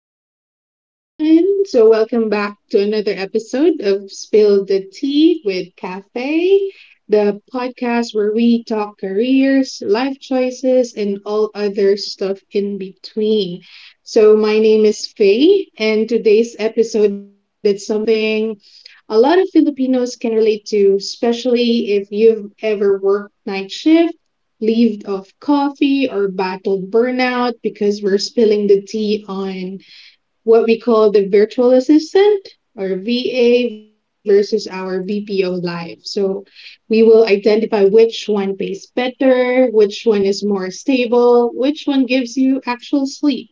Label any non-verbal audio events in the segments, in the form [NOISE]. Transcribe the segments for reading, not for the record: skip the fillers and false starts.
what's up, everyone? So welcome back to another episode of Spill the Tea with Cafe, the podcast where we talk careers, life choices, and all other stuff in between. So my name is Faye, and today's episode is something a lot of Filipinos can relate to, especially if you've ever worked night shift leaved off coffee or battled burnout because we're spilling the tea on what we call the virtual assistant or VA versus our BPO life. So we will identify which one pays better, which one is more stable, which one gives you actual sleep,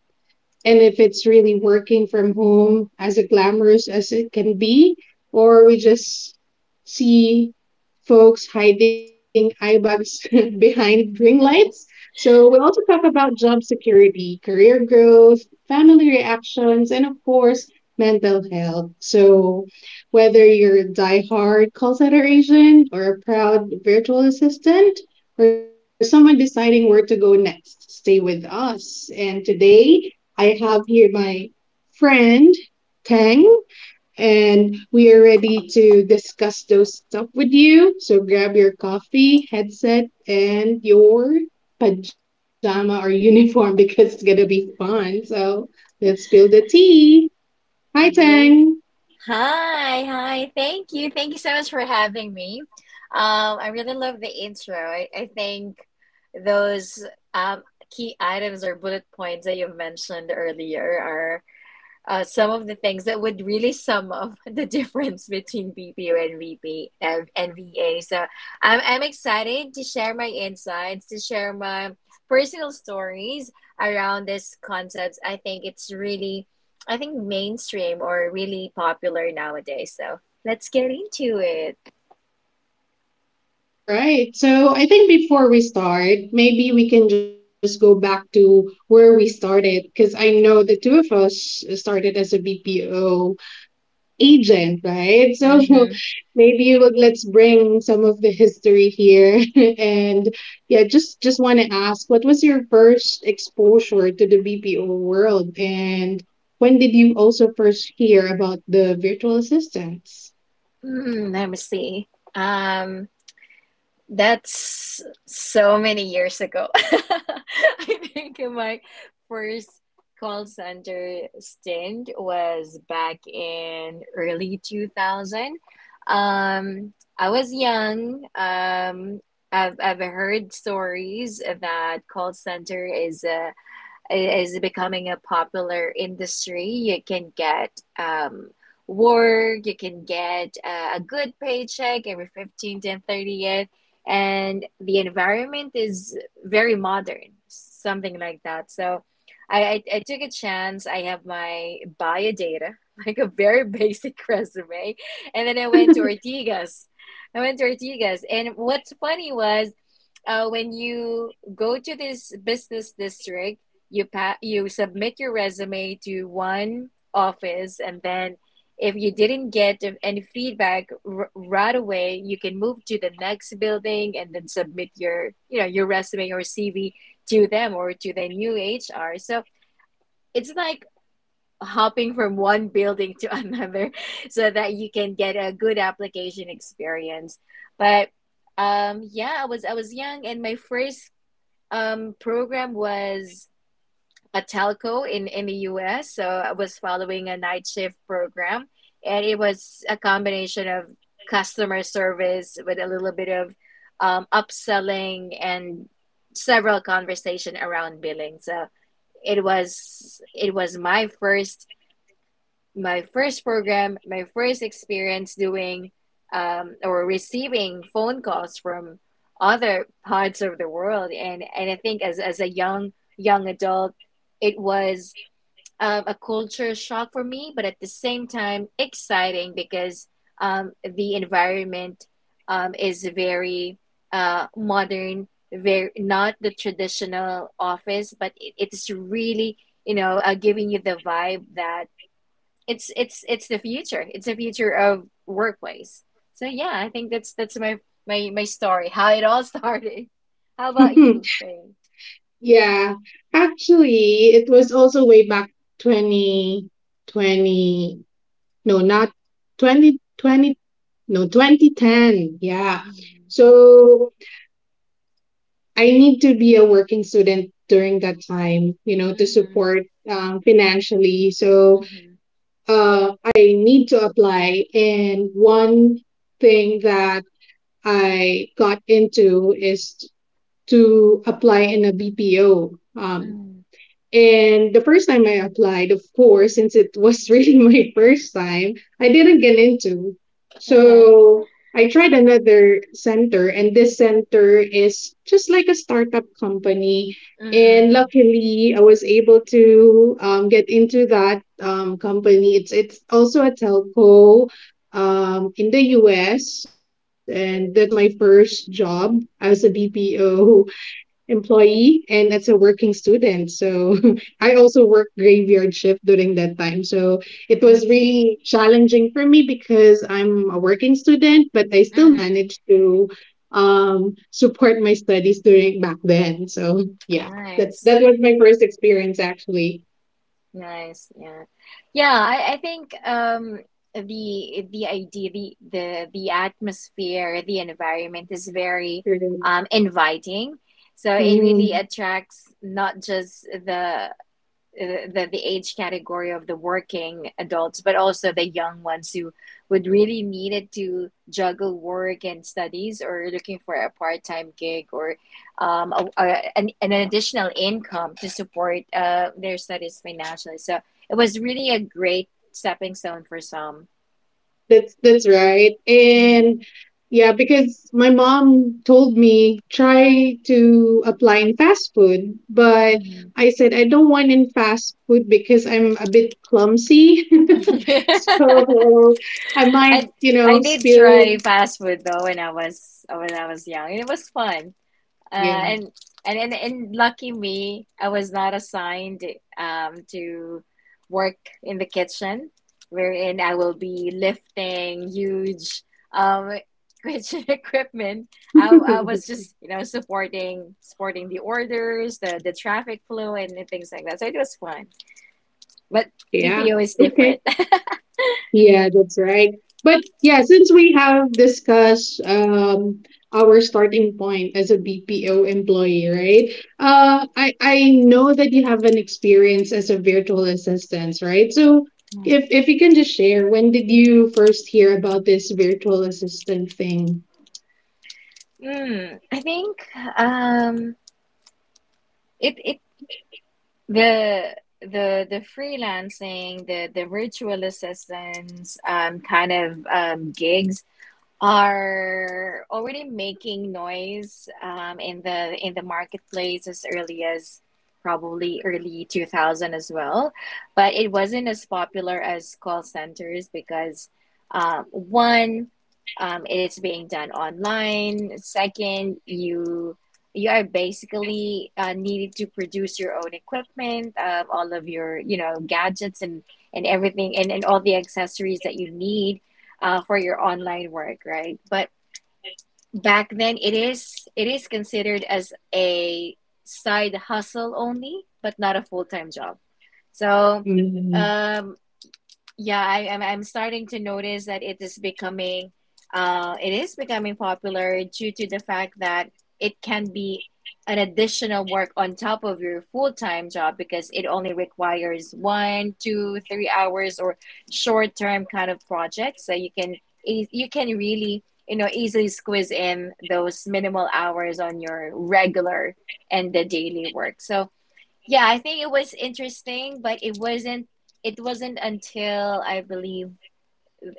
and if it's really working from home as a glamorous as it can be, or we just see folks hiding eye bags [LAUGHS] behind ring lights. So we'll also talk about job security, career growth, family reactions, and of course, mental health. So whether you're a diehard call center agent or a proud virtual assistant, or someone deciding where to go next, stay with us. And today I have here my friend Tang, and we are ready to discuss those stuff with you. So grab your coffee, headset, and your pajama or [LAUGHS] uniform because it's gonna be fun. So let's spill the tea. Hi, Yay. Tang. Hi, hi. Thank you. Thank you so much for having me. I really love the intro. I think those um, key items or bullet points that you mentioned earlier some of the things that would really sum up [LAUGHS] the difference between BPO and VP and VA. So I'm excited to share my insights, to share my personal stories around this concept. I think mainstream or really popular nowadays. So let's get into it. All right. So I think before we start, maybe we can just go back to where we started because I know the two of us started as a BPO agent, right? So [LAUGHS] Mm-hmm. maybe look, let's bring some of the history here. [LAUGHS] And yeah, just want to ask, what was your first exposure to the BPO world, and when did you also first hear about the virtual assistants? Let me see. Um, That's so many years ago. [LAUGHS] I think my first call center stint was back in early 2000. Um, I was young. I've heard stories that call center is becoming a popular industry. You can get um, work, you can get a good paycheck every 15th and 30th, and the environment is very modern, something like that. So I took a chance. I have my bio data, [LAUGHS] like a very [LAUGHS] basic resume, and then I went to Ortigas. I went to Ortigas, and what's funny was when you go to this business district, you submit your resume to one office, and then if you didn't get any feedback right away, you can move to the next building and then submit your you know your resume or CV to them or to the new HR. So it's like hopping from one building to another. [LAUGHS] So that you can get a good application experience, but yeah, I was young, and my first program was a telco in the US. So I was following a night shift program, and it was a combination of customer service with a little bit of upselling and several conversation around billing. So it was my first program, my first experience doing or receiving phone calls from other parts of the world. And I think as a young adult, it was of a culture shock for me, but at the same time exciting, because the environment is very modern, very not the traditional office, but it's really giving you the vibe that it's the future. It's the future of workplace. So yeah, I think that's my story, [LAUGHS] how it all started. How about you, Faye? [LAUGHS] Yeah, actually, it was also way back 2020. No, not 2020. No, 2010. Yeah. Mm-hmm. So I need to be a working student during that time, you know, to Mm-hmm. support financially. So Mm-hmm. I need to apply. And one thing that I got into is to apply in a BPO. Mm-hmm. And the first time I applied, of course, since it was [LAUGHS] really my first time, I didn't get into. Uh-huh. So I tried another center, and this center is just like a startup company. And Mm-mm. luckily, I was able to get into that company. It's also a telco in the U.S., and that's my first job as a Mm-hmm. BPO employee and as a working student. So [LAUGHS] I also worked graveyard shift during that time. So it was Mm-hmm. really challenging for me because I'm a working student, but I still Mm-hmm. managed to support my studies during back then. So yeah, that Nice. that was my first experience actually. Nice. Yeah, Yeah, I think the idea the atmosphere, the environment is very inviting. So it really Mhm. attracts not just the age category of the working adults, but also the young ones who would really need it to juggle work and studies, or looking for a part time gig or an additional income to support their studies financially. So it was really a great stepping stone for some. That's right. And yeah, because my mom told me try to apply in fast food, but Mm-hmm. I said I don't want in fast food because I'm a bit clumsy. [LAUGHS] [LAUGHS] So I might, I you know, I did spill try fast food though when I was young, and it was fun. Uh, yeah. and and lucky me, I was not assigned to work in the kitchen, wherein I will be lifting huge um kitchen [LAUGHS] equipment. I was [LAUGHS] just supporting the orders, the traffic flow, and things like that. So it was fun, but Yeah. BPO is Okay. different. Yeah, that's right. But yeah, since we have discussed our starting point as a BPO employee, right? I know that you have an experience as a virtual assistant, right? So [LAUGHS] if you can just share, when did you first hear about this virtual assistant thing? I think um, it it The freelancing, the virtual assistants, kind of gigs are already making noise in the marketplace as early as probably early 2000 as well, but it wasn't as popular as call centers. Because one, it's being done online. Second, you are basically needed to produce your own equipment, all of your gadgets, and, everything and all the accessories that you need for your online work, right? But back then, it is considered as a side hustle only, but not a full time job. So, Mm-hmm. um, yeah, I'm starting to notice that it is becoming popular due to the fact that it can be an additional work on top of your full-time job, because it only requires 1, 2, 3 hours or short-term kind of projects. So you can you can really, easily squeeze in those minimal hours on your regular and the daily work. So yeah, I think it was interesting, but it wasn't until I believe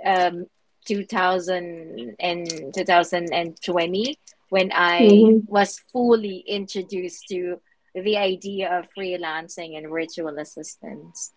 um two thousand and 2020 when I was fully introduced to the idea of freelancing and virtual assistants.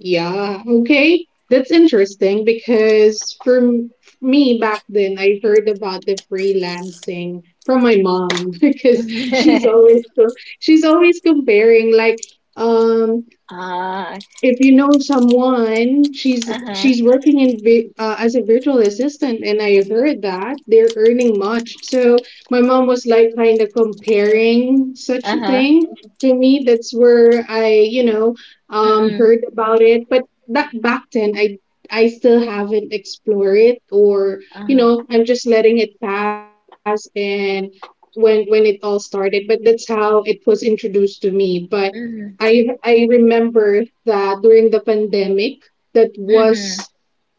Yeah, okay. That's interesting because for me back then, I heard about the freelancing from my mom [LAUGHS] because she's Mhm. [LAUGHS] always co- she's always comparing like um Ah. if you know someone, she's Uh-huh. Working in as a virtual assistant, and I heard that they're earning much. So my mom was like kind of comparing such a Uh-huh. thing to me. That's where I, you know, Mm-mm. heard about it. But that back then, I still haven't explored it or, you Uh-huh. know, I'm just letting it pass and when it all started. But that's how it was introduced to me. But Mm-hmm. I remember that during the pandemic, that Mm-hmm. was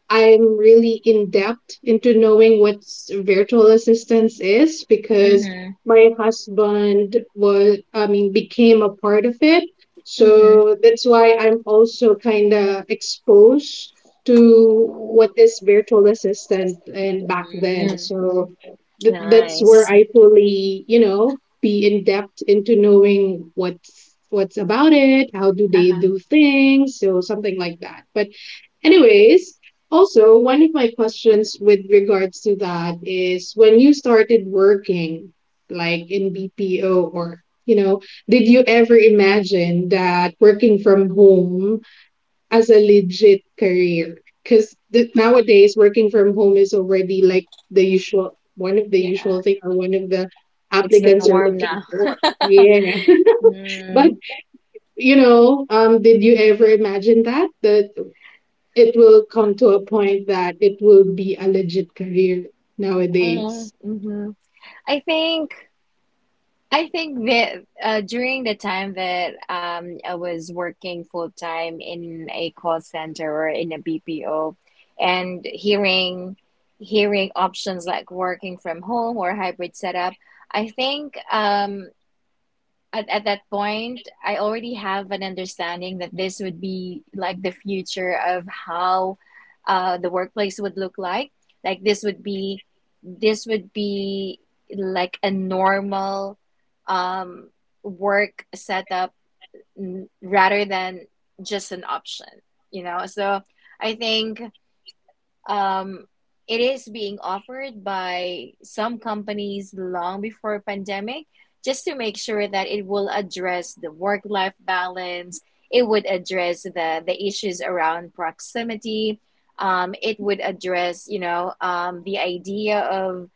I'm really in depth into knowing what virtual assistance is because Mm-hmm. my husband was, I mean, became a part of it. Mm-hmm. So that's why I'm also kind of exposed to what is virtual assistant and back then. Mm. So that's where Nice. I fully, you know, be in depth into knowing what's about it, how do they Uh-huh. do things, so something like that. But anyways, also, one of my questions with regards to that is when you started working, like in BPO or, you know, did you ever imagine that working from home as a legit career? Because nowadays, working from home is already like the usual, one of the Yeah. usual thing or one of the It's the applicants are norm looking now. for. Yeah. [LAUGHS] [LAUGHS] But, mm, you know, did you ever imagine that? That it will come to a point that it will be a legit career uh, nowadays. hmm I think that during the time that I was working full time in a call center or in a BPO, and hearing options like working from home or hybrid setup, I think at that point, I already have an understanding that this would be like the future of how the workplace would look like. Like this would be like a normal um, work setup, rather than just an option, you know? So I think um, it is being offered by some companies long before pandemic, just to make sure that it will address the work life balance, it would address the issues around proximity, it would address the idea of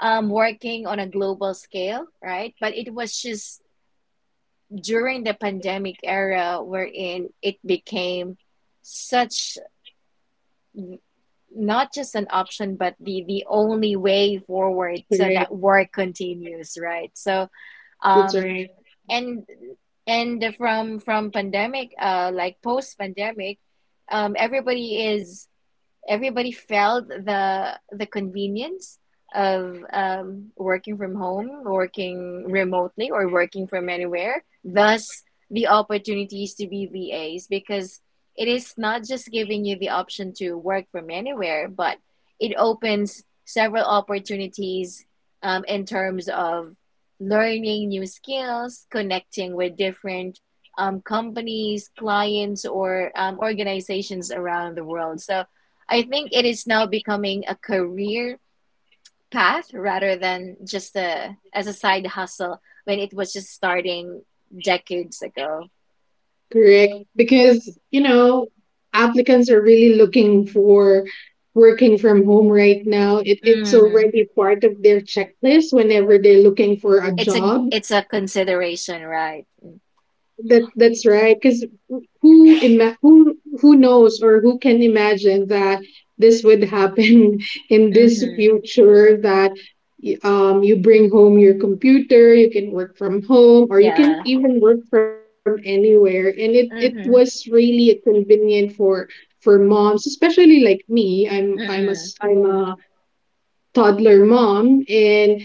working on a global scale, right? But it was just during the pandemic era, wherein it became such, not just an option but the only way forward so Correct. that work continues, right? So That's right. um and and from pandemic, like post pandemic, um everybody is everybody felt the convenience of working from home, working remotely, or working from anywhere. Thus, the opportunities to be VAs, because it is not just giving you the option to work from anywhere, but it opens several opportunities in terms of learning new skills, connecting with different companies, clients, or organizations around the world. So I think it is now becoming a career path rather than just a as a side hustle when it was just starting decades ago. Correct. Because, you know, applicants are really looking for working from home right now. It's Mm. already part of their checklist whenever they're looking for a job. It's a consideration, right? That that's right. Because who ima- who who knows or who can imagine that this would happen [LAUGHS] in this Mm-hmm. future that you bring home your computer, you can work from home, or you can Yeah. even work from anywhere. And it was Mm-hmm. really convenient for moms, especially like me. I'm Mm-mm. I'm a toddler mom, and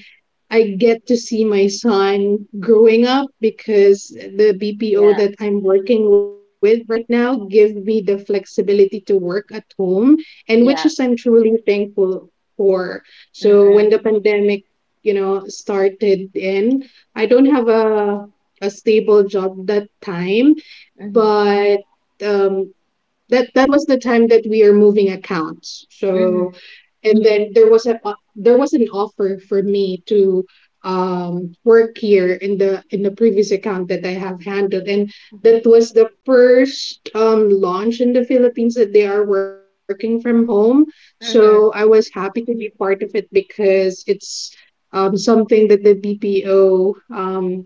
I get to see my son growing up because the BPO Yeah. that I'm working with right now give me the flexibility to work at home, and which is Yeah. I'm truly thankful for. So when Mm-mm. the pandemic, you know, started in, I don't have a stable job that time, Mm-hmm. but that that was the time that we are moving accounts. So Mm-hmm. and then there was there was an offer for me to work here in the previous account that I have handled, and that was the first launch in the Philippines that they are working from home. So I Mm-hmm. was happy to be part of it because it's something that the BPO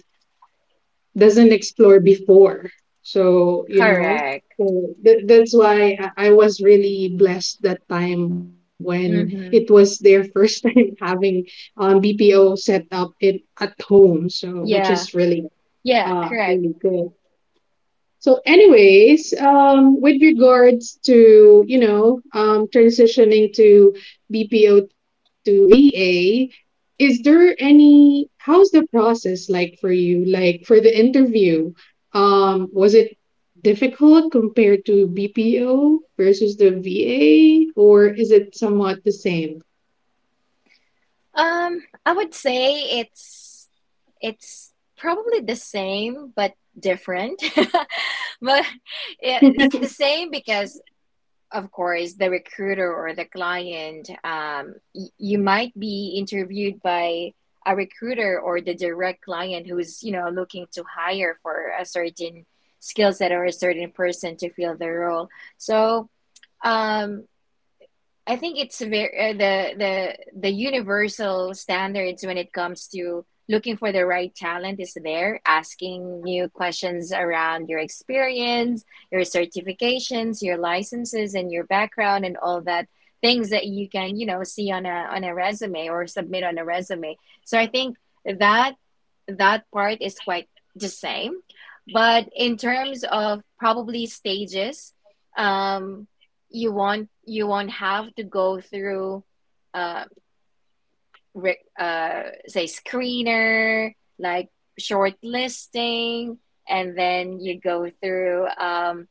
doesn't explore before. So, you know, Correct. so that's why I was really blessed that time when it was Mm-hmm. their first [LAUGHS] time having BPO set up in at home. So which is Yeah. really, Yeah. Correct. really good. So anyways, with regards to, you know, transitioning to BPO to VA, is there any? How's the process like for you? Like for the interview, was it difficult compared to BPO versus the VA, or is it somewhat the same? I would say it's it's probably the same but different. [LAUGHS] But [LAUGHS] it's the same because of course the recruiter or the client you might be interviewed by a recruiter or the direct client who's looking to hire for a certain skill set or a certain person to fill the role. So, um I think it's very the universal standards when it comes to looking for the right talent is there, asking new questions around your experience, your certifications, your licenses, and your background, and all that things that you can see on a resume or submit on a resume. So I think that that part is quite the same, but in terms of probably stages. Um, you won't have to go through uh, re- uh say screener, like shortlisting, and then you go through um,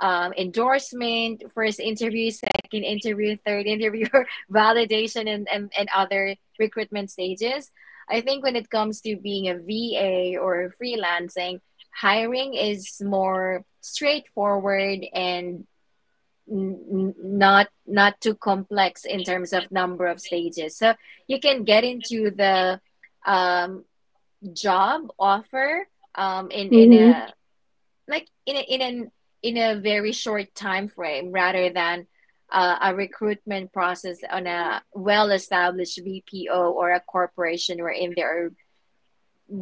um, endorsement, first interview, second interview, third interview, [LAUGHS] validation, and other recruitment stages. I think when it comes to being a VA or freelancing, hiring is more straightforward, and n- not too complex in terms of number of stages. So you can get into the um job offer in Mm-hmm. a like in a, in an in a very short time frame, rather than a recruitment process on a well-established VPO or a corporation wherein there are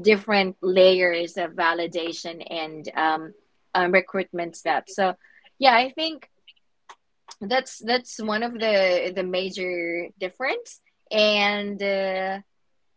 different layers of validation, and recruitment steps. So, yeah, I think that's one of the major difference, and Yeah,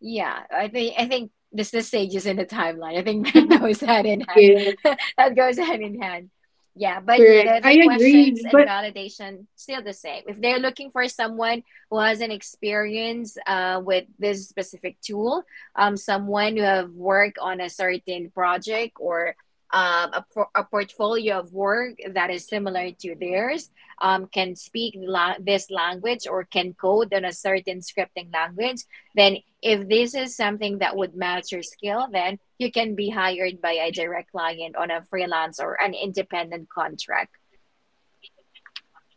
yeah, I think this, the stages in the timeline, I think that [LAUGHS] goes hand in hand. yeah, [LAUGHS] That goes hand in hand. Yeah, but correct. the I the questions agree, and but validation still the same. If they're looking for someone who has an experience with this specific tool, someone who have worked on a certain project or a portfolio of work that is similar to theirs, can speak this language or can code on a certain scripting language, then if this is something that would match your skill, then you can be hired by a direct client on a freelance or an independent contract.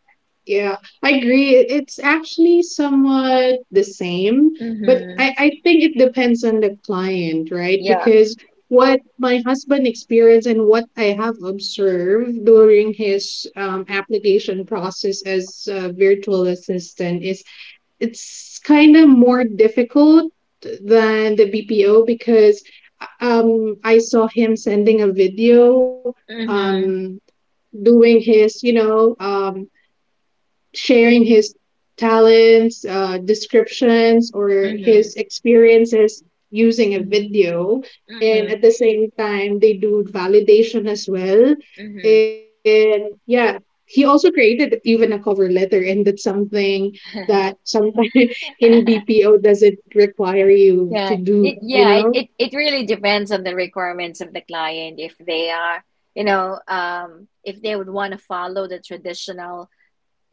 yeah, I agree. It- It's actually somewhat the same, but I, Mm-hmm. I think it depends on the client, right? Yeah. Because what my husband experienced and what I have observed during his application process as a virtual assistant is it's kind of more difficult than the BPO because I saw him sending a video Mm-hmm. um, doing his, you know, sharing his talents, descriptions, or Mm-hmm. his experiences using a Mm-hmm. video. And at the same time, they do validation as well. Mm-hmm. And yeah, he also created even a cover letter, and that's something that Mm-hmm. sometimes [LAUGHS] in [LAUGHS] BPO doesn't require you to Yeah, do, it you yeah, it, know? it, it really depends on the requirements of the client if they are, if they would want to follow the traditional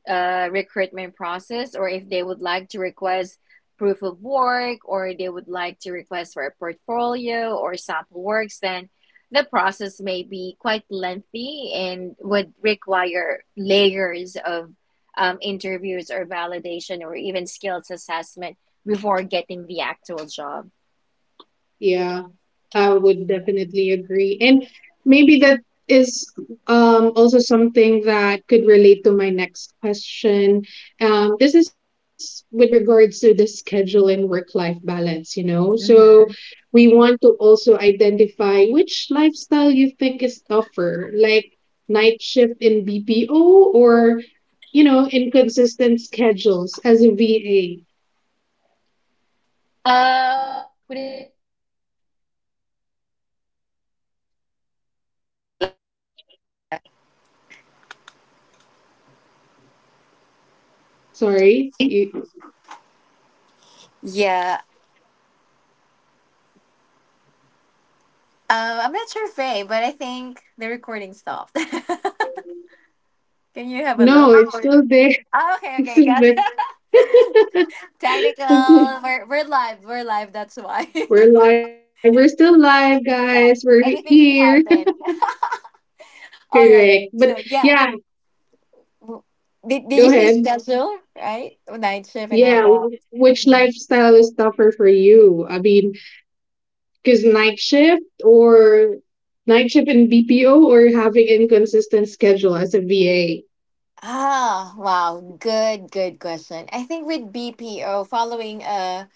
recruitment process, or if they would like to request proof of work, or they would like to request for a portfolio or sample works. Then the process may be quite lengthy and would require layers of interviews or validation or even skills assessment before getting the actual job. Yeah, I would definitely agree. And maybe that is also something that could relate to my next question. This is with regards to the schedule and work life balance, you know? So Mm-hmm. we want to also identify which lifestyle you think is tougher, like night shift in BPO or, you know, inconsistent schedules as a VA. Uh, would it Sorry, you, Yeah. I'm not sure, Faye, but I think the recording stopped. [LAUGHS] Can you have a no, look? it's No. still there. Oh, [LAUGHS] okay, It's okay, still gotcha. [LAUGHS] [LAUGHS] Technical. Okay. We're live. We're live. That's why. We're [LAUGHS] live. We're still live, guys. We're Yeah. Anything here. can happen. [LAUGHS] [LAUGHS] All right. Correct. But So yeah. yeah, W- did you go say ahead. schedule, right? Night shift and all Yeah, that. Which Mhm. lifestyle is tougher for you? I mean, because night shift or night shift in BPO or having inconsistent schedule as a VA? Ah, wow. Good question. I think with BPO, following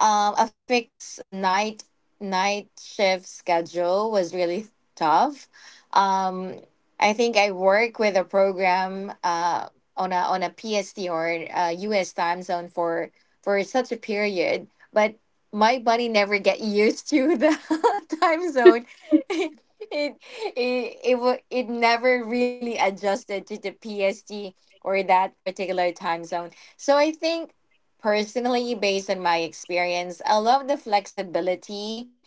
A fixed night shift schedule was really tough. Um, I think I work with a program, on a PST or a US time zone for such a period, but my body never get [LAUGHS] used to the [LAUGHS] time zone. [LAUGHS] It it never really adjusted to the PST or that particular time zone. So I think personally, based on my experience, I love the flexibility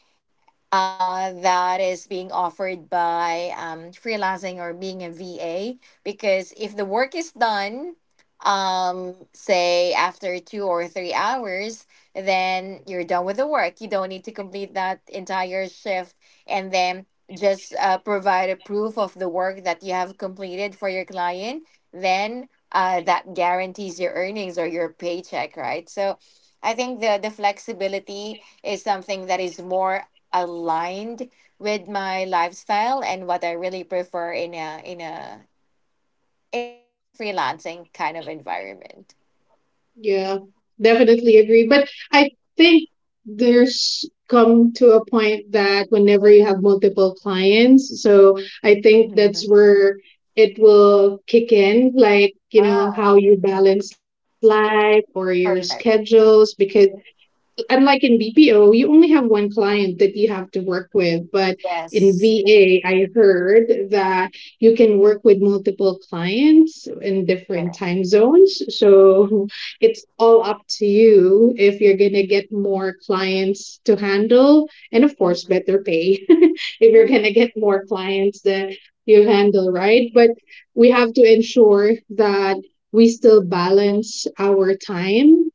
that is being offered by freelancing or being a VA. Because if the work is done, say after 2 or 3 hours, then you're done with the work. You don't need to complete that entire shift, and then just provide a proof of the work that you have completed for your client. Then that guarantees your earnings or your paycheck, right? So I think the flexibility is something that is more aligned with my lifestyle and what I really prefer in a in a freelancing kind of environment. Yeah, definitely Mhm. agree. But I think there's come to a point that whenever you have multiple clients, so I think that's Mhm. where it will kick in, like, you know, Ah, how you balance life or your perfect. schedules, because unlike in BPO, you only have one client that you have to work with. But in Yes. VA, I heard that you can work with multiple clients in different Yeah. time zones. So it's all up to you if you're going to get more clients to handle. And of course, better pay [LAUGHS] if you're going Mhm. to get more clients that you handle, right? But we have to ensure that we still balance our time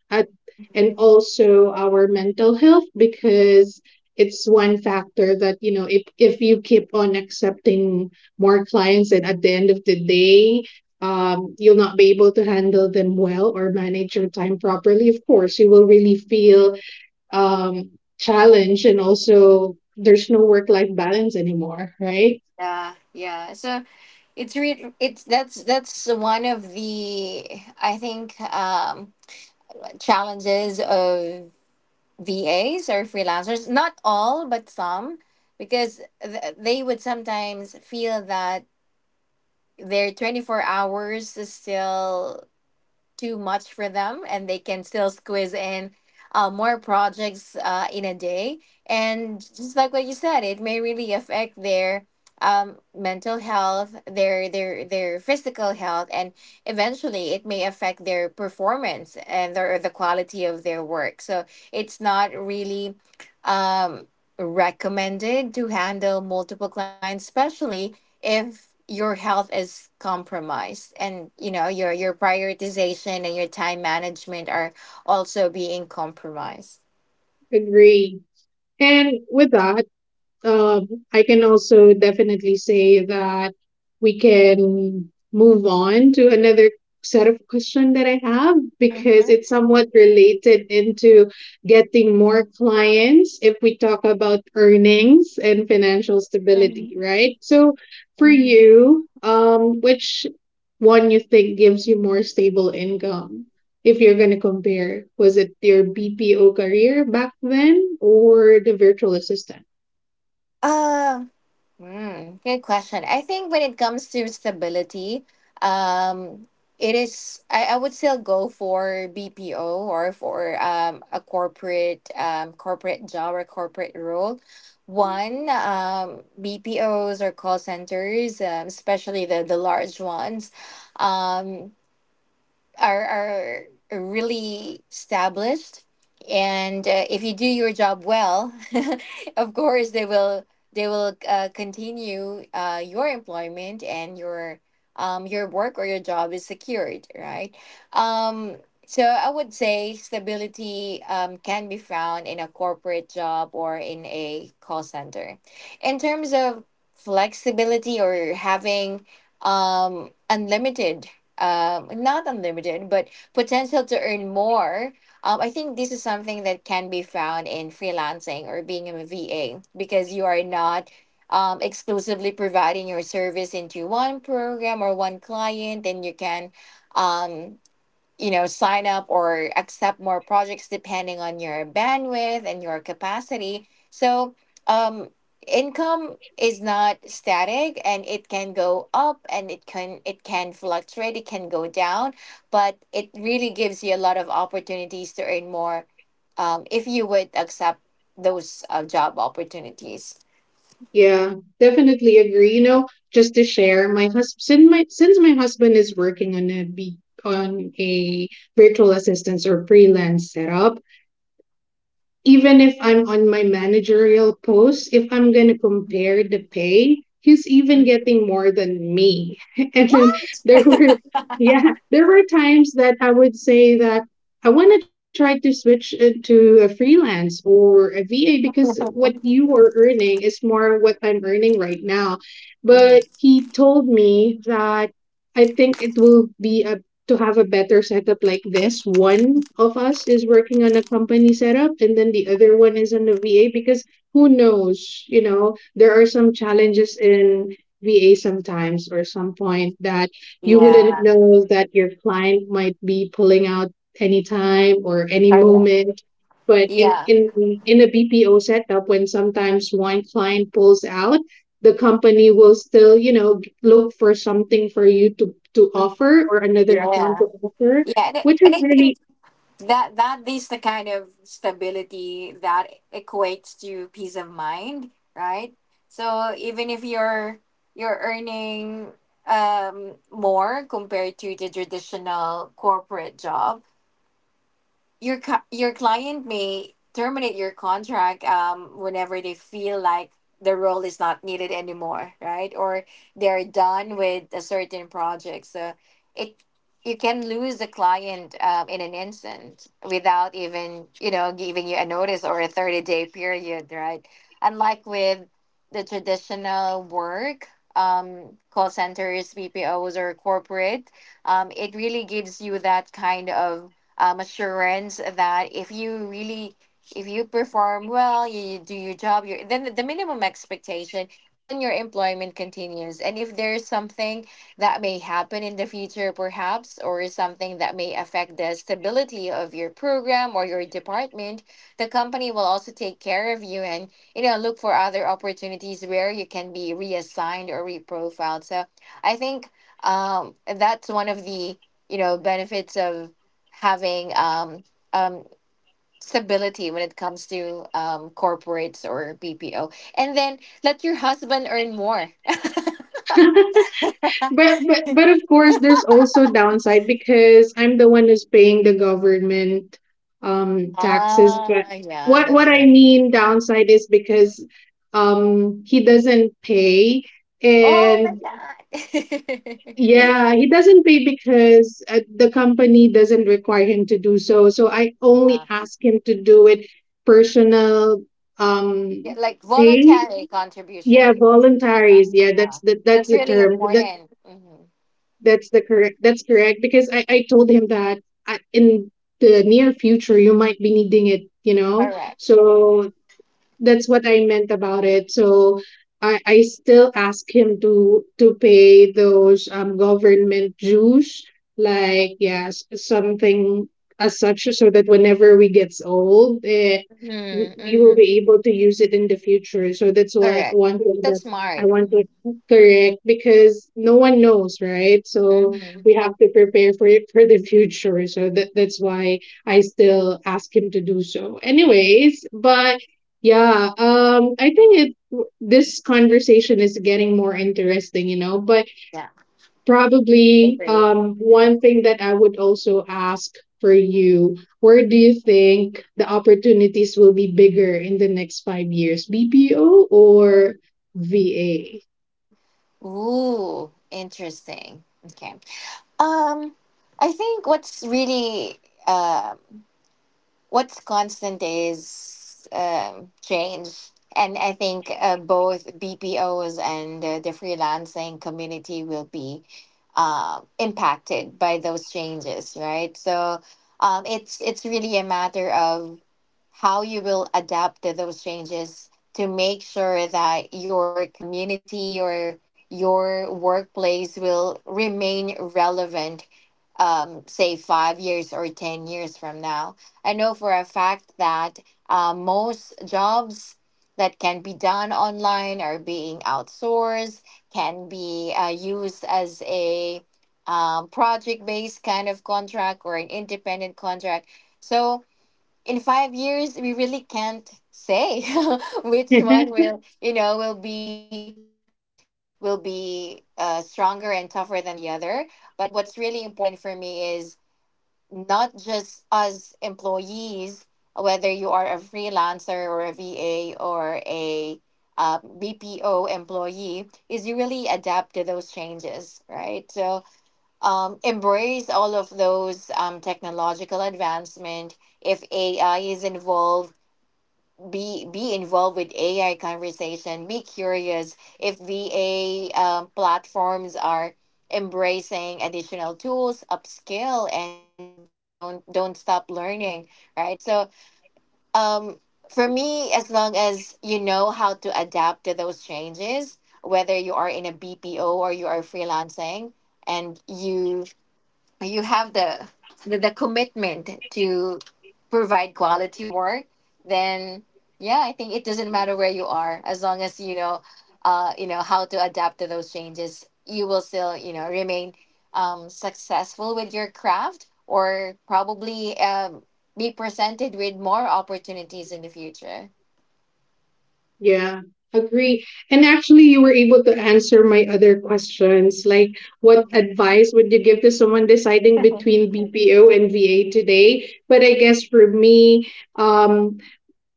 and also our mental health, because it's one factor that if you keep on accepting more clients, and at the end of the day, you'll not be able to handle them well or manage your time properly. Of course you will really feel um, challenged, and also there's no work life balance anymore, right? Yeah, yeah. So it's re it's that's one of the, I think, challenges of VAs or freelancers. Not all, but some, because th they would sometimes feel that their 24 hours is still too much for them and they can still squeeze in more projects in a day, and just like what you said, it may really affect their mental health, their physical health, and eventually it may affect their performance and the quality of their work. So it's not really um, recommended to handle multiple clients, especially if your health is compromised and you know your prioritization and your time management are also being compromised. Agree. And with that, I can also definitely say that we can move on to another set of question that I have, because Mm-hmm. it's somewhat related into getting more clients. If we talk about earnings and financial Mm-hmm. stability, right? So for you, which one you think gives you more stable income? If you're going to compare, was it your BPO career back then or the virtual assistant? Mm-hmm. Mm, good question. I think when it comes to stability, um, it is, I would still go for BPO or for a corporate, corporate job or corporate role. One, BPOs or call centers, especially the large ones. Um, are are really established, and if you do your job well, [LAUGHS] of course they will, they will continue your employment, and your work or your job is secured, right? um, so I would say stability can be found in a corporate job or in a call center. In terms of flexibility or having unlimited, not unlimited, but potential to earn more. I think this is something that can be found in freelancing or being a VA, because you are not exclusively providing your service into one program or one client, and you can um, sign up or accept more projects depending on your bandwidth and your capacity. So um income is not static, and it can go up, and it can fluctuate, it can go down, but it really gives you a lot of opportunities to earn more if you would accept those job opportunities. Yeah, definitely agree. You know, just to share, my husband, since my husband is working on a on a virtual assistance or freelance setup, even if I'm on my managerial post, if I'm going to compare the pay, he's Mm. even getting more than me. [LAUGHS] And then What? there [LAUGHS] were, yeah, there were times that I would say that I want to try to switch to a freelance or a VA, because what you are earning is more what I'm earning right now. But Mhm. he told me that I think it will be a to have a better setup like this. One of us is working on a company setup and then the other one is on the VA, because who knows, you know, there are some challenges in VA sometimes, or some point that you wouldn't Yeah. know that your client might be pulling out anytime or any Correct. moment. But in, Yeah. in in a BPO setup, when sometimes one client pulls out, the company will still, you know, look for something for you to offer, or another account Yeah. to offer, Yeah, and I, which is and I think really... that that is the kind of stability that equates to peace of mind, right? So even if you're you're earning more compared to the traditional corporate job, your your client may terminate your contract whenever they feel like the role is not needed anymore, right? Or they're done with a certain project. So it you can lose the client in an instant without even, you know, giving you a notice or a 30 day period, right? Unlike with the traditional work, call centers, VPOs, or corporate, it really gives you that kind of assurance that if you really, if you perform well, you do your job, you then the minimum expectation, then your employment continues. And if there's something that may happen in the future perhaps, or something that may affect the stability of your program or your department, the company will also take care of you and, you know, look for other opportunities where you can be reassigned or reprofiled. So I think that's one of the, you know, benefits of having um, stability when it comes to corporates or BPO. And then let your husband earn more. [LAUGHS] But of course there's also downside, because I'm the one who's paying the government, um, taxes. But Ah, yeah, what that's I right. mean downside is because, um, he doesn't pay. Oh my And God. yeah, [LAUGHS] he doesn't pay because the company doesn't require him to do so. So I Ah. only ask him to do it personal, Yeah, um, like pay. voluntary Yeah, contribution. voluntaries. Yeah, that's Ah, the that's that's the really term. That important. Hmm. That's correct, because I told him that I, in the near future, you might be needing it, you know. Correct. So that's what I meant about it. So I still ask him to pay those, um, government dues, like, yeah, something as such, so that whenever we gets old, eh, we Mm-hmm. we will Mm-hmm. be able to use it in the future. So that's what Correct. one thing that That's I smart. want to. Correct, because no one knows, right? So Mm-hmm. we have to prepare for it for the future. So that's why I still ask him to do so. Anyways, but yeah, I think it this conversation is getting more interesting, you know, but Yeah. probably, Okay. um, one thing that I would also ask for you, where do you think the opportunities will be bigger in the next 5 years, BPO or VA? Ooh, interesting. Okay. Um, I think what's really um what's constant is change. And I think both BPOs and the freelancing community will be impacted by those changes, right? So it's really a matter of how you will adapt to those changes to make sure that your community or your workplace will remain relevant, say 5 years or 10 years from now. I know for a fact that most jobs that can be done online are being outsourced, can be used as a project based kind of contract, or an independent contract. So in 5 years, we really can't say [LAUGHS] which one [LAUGHS] will, you know, will be, will be stronger and tougher than the other. But what's really important for me is not just as employees, whether you are a freelancer or a VA or a BPO employee, is you really adapt to those changes, right? So embrace all of those technological advancement. If AI is involved, be involved with AI conversation. Be curious. If VA platforms are embracing additional tools, upskill, and don't stop learning. Right. So um, for me, as long as you know how to adapt to those changes, whether you are in a BPO or you are freelancing, and you have the the commitment to provide quality work, then yeah, I think it doesn't matter where you are, as long as you know, you know how to adapt to those changes, you will still, you know, remain successful with your craft, or probably be presented with more opportunities in the future. Yeah, agree. And actually, you were able to answer my other questions, like what advice would you give to someone deciding between BPO and VA today? But I guess for me, um,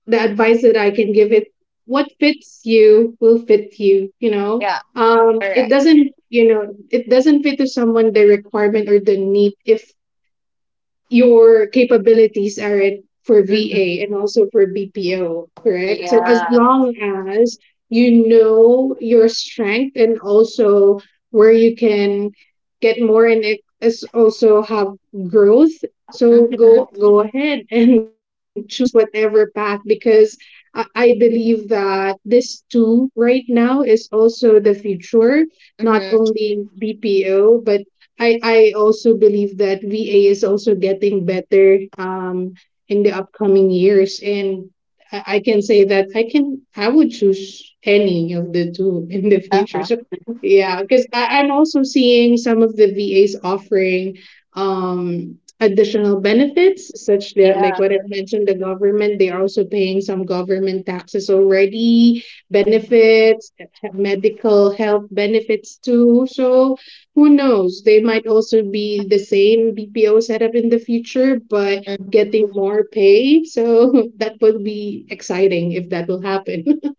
the advice that I can give it, what fits you will fit you, you know? Yeah. It Correct. doesn't, you know, it doesn't fit to someone the requirement or the need if your capabilities aren't for VA Hmm. and also for BPO, correct? So as Yeah. long as you know your strength and also where you can get more, and it is also have growth. So Hmm. Go ahead and [LAUGHS] choose whatever path, because I believe that this too right now is also the future, not Hmm. only BPO, but I also believe that VA is also getting better, um, in the upcoming years. And I can say that I would choose any of the two [LAUGHS] in the future. So Uh-huh. yeah, because I'm also seeing some of the VAs offering, um, additional benefits such that, like what I Yeah. mentioned, the government, they are also paying some government taxes already, benefits, medical health benefits too. So who knows? They might also be the same BPO setup in the future, but getting more pay. So [LAUGHS] that would be exciting if that will happen. [LAUGHS]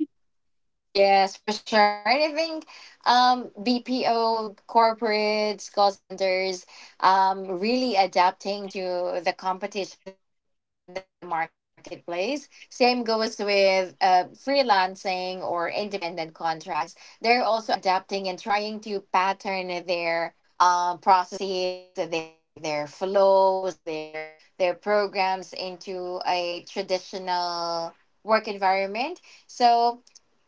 Yes, for sure. And I think, BPO corporates, call centers, really adapting to the competition in the marketplace. Same goes with freelancing or independent contracts. They're also adapting and trying to pattern their processes, their flows, their programs into a traditional work environment. So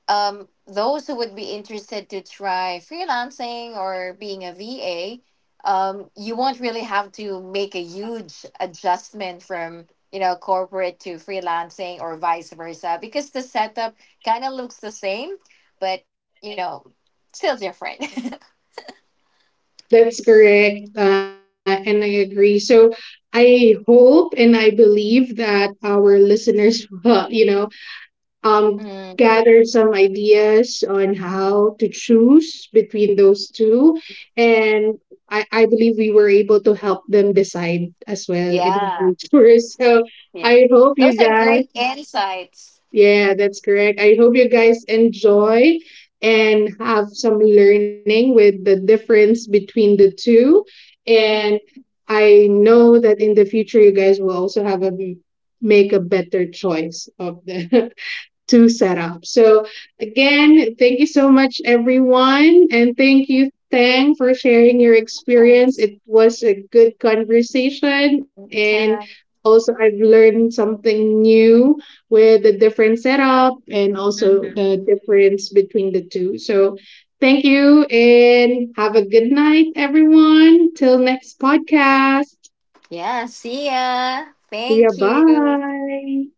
those who would be interested to try freelancing or being a VA, you won't really have to make a huge adjustment from, you know, corporate to freelancing or vice versa, because the setup kind of looks the same, but, you know, still different. [LAUGHS] That's correct. And I agree. So I hope and I believe that our listeners, [LAUGHS] you know, um, gathered Mm, some ideas on how to choose between those two. And I believe we were able to help them decide as well in the yeah, future. [LAUGHS] So I yeah, hope you those are guys, great insights. yeah, that's correct. I hope you guys enjoy and have some learning with the difference between the two. And Mhm. I know that in the future, you guys will also have a make a better choice of the [LAUGHS] to set up. So again, thank you so much, everyone, and thank you, Tang, for sharing your experience. It Yes, was a good conversation, and anytime. also I've learned something new with the different setup and also the Mhm. difference between the two. So thank you, and have a good night, everyone. Till next podcast. Yeah, see ya. See ya. Thank you. Bye.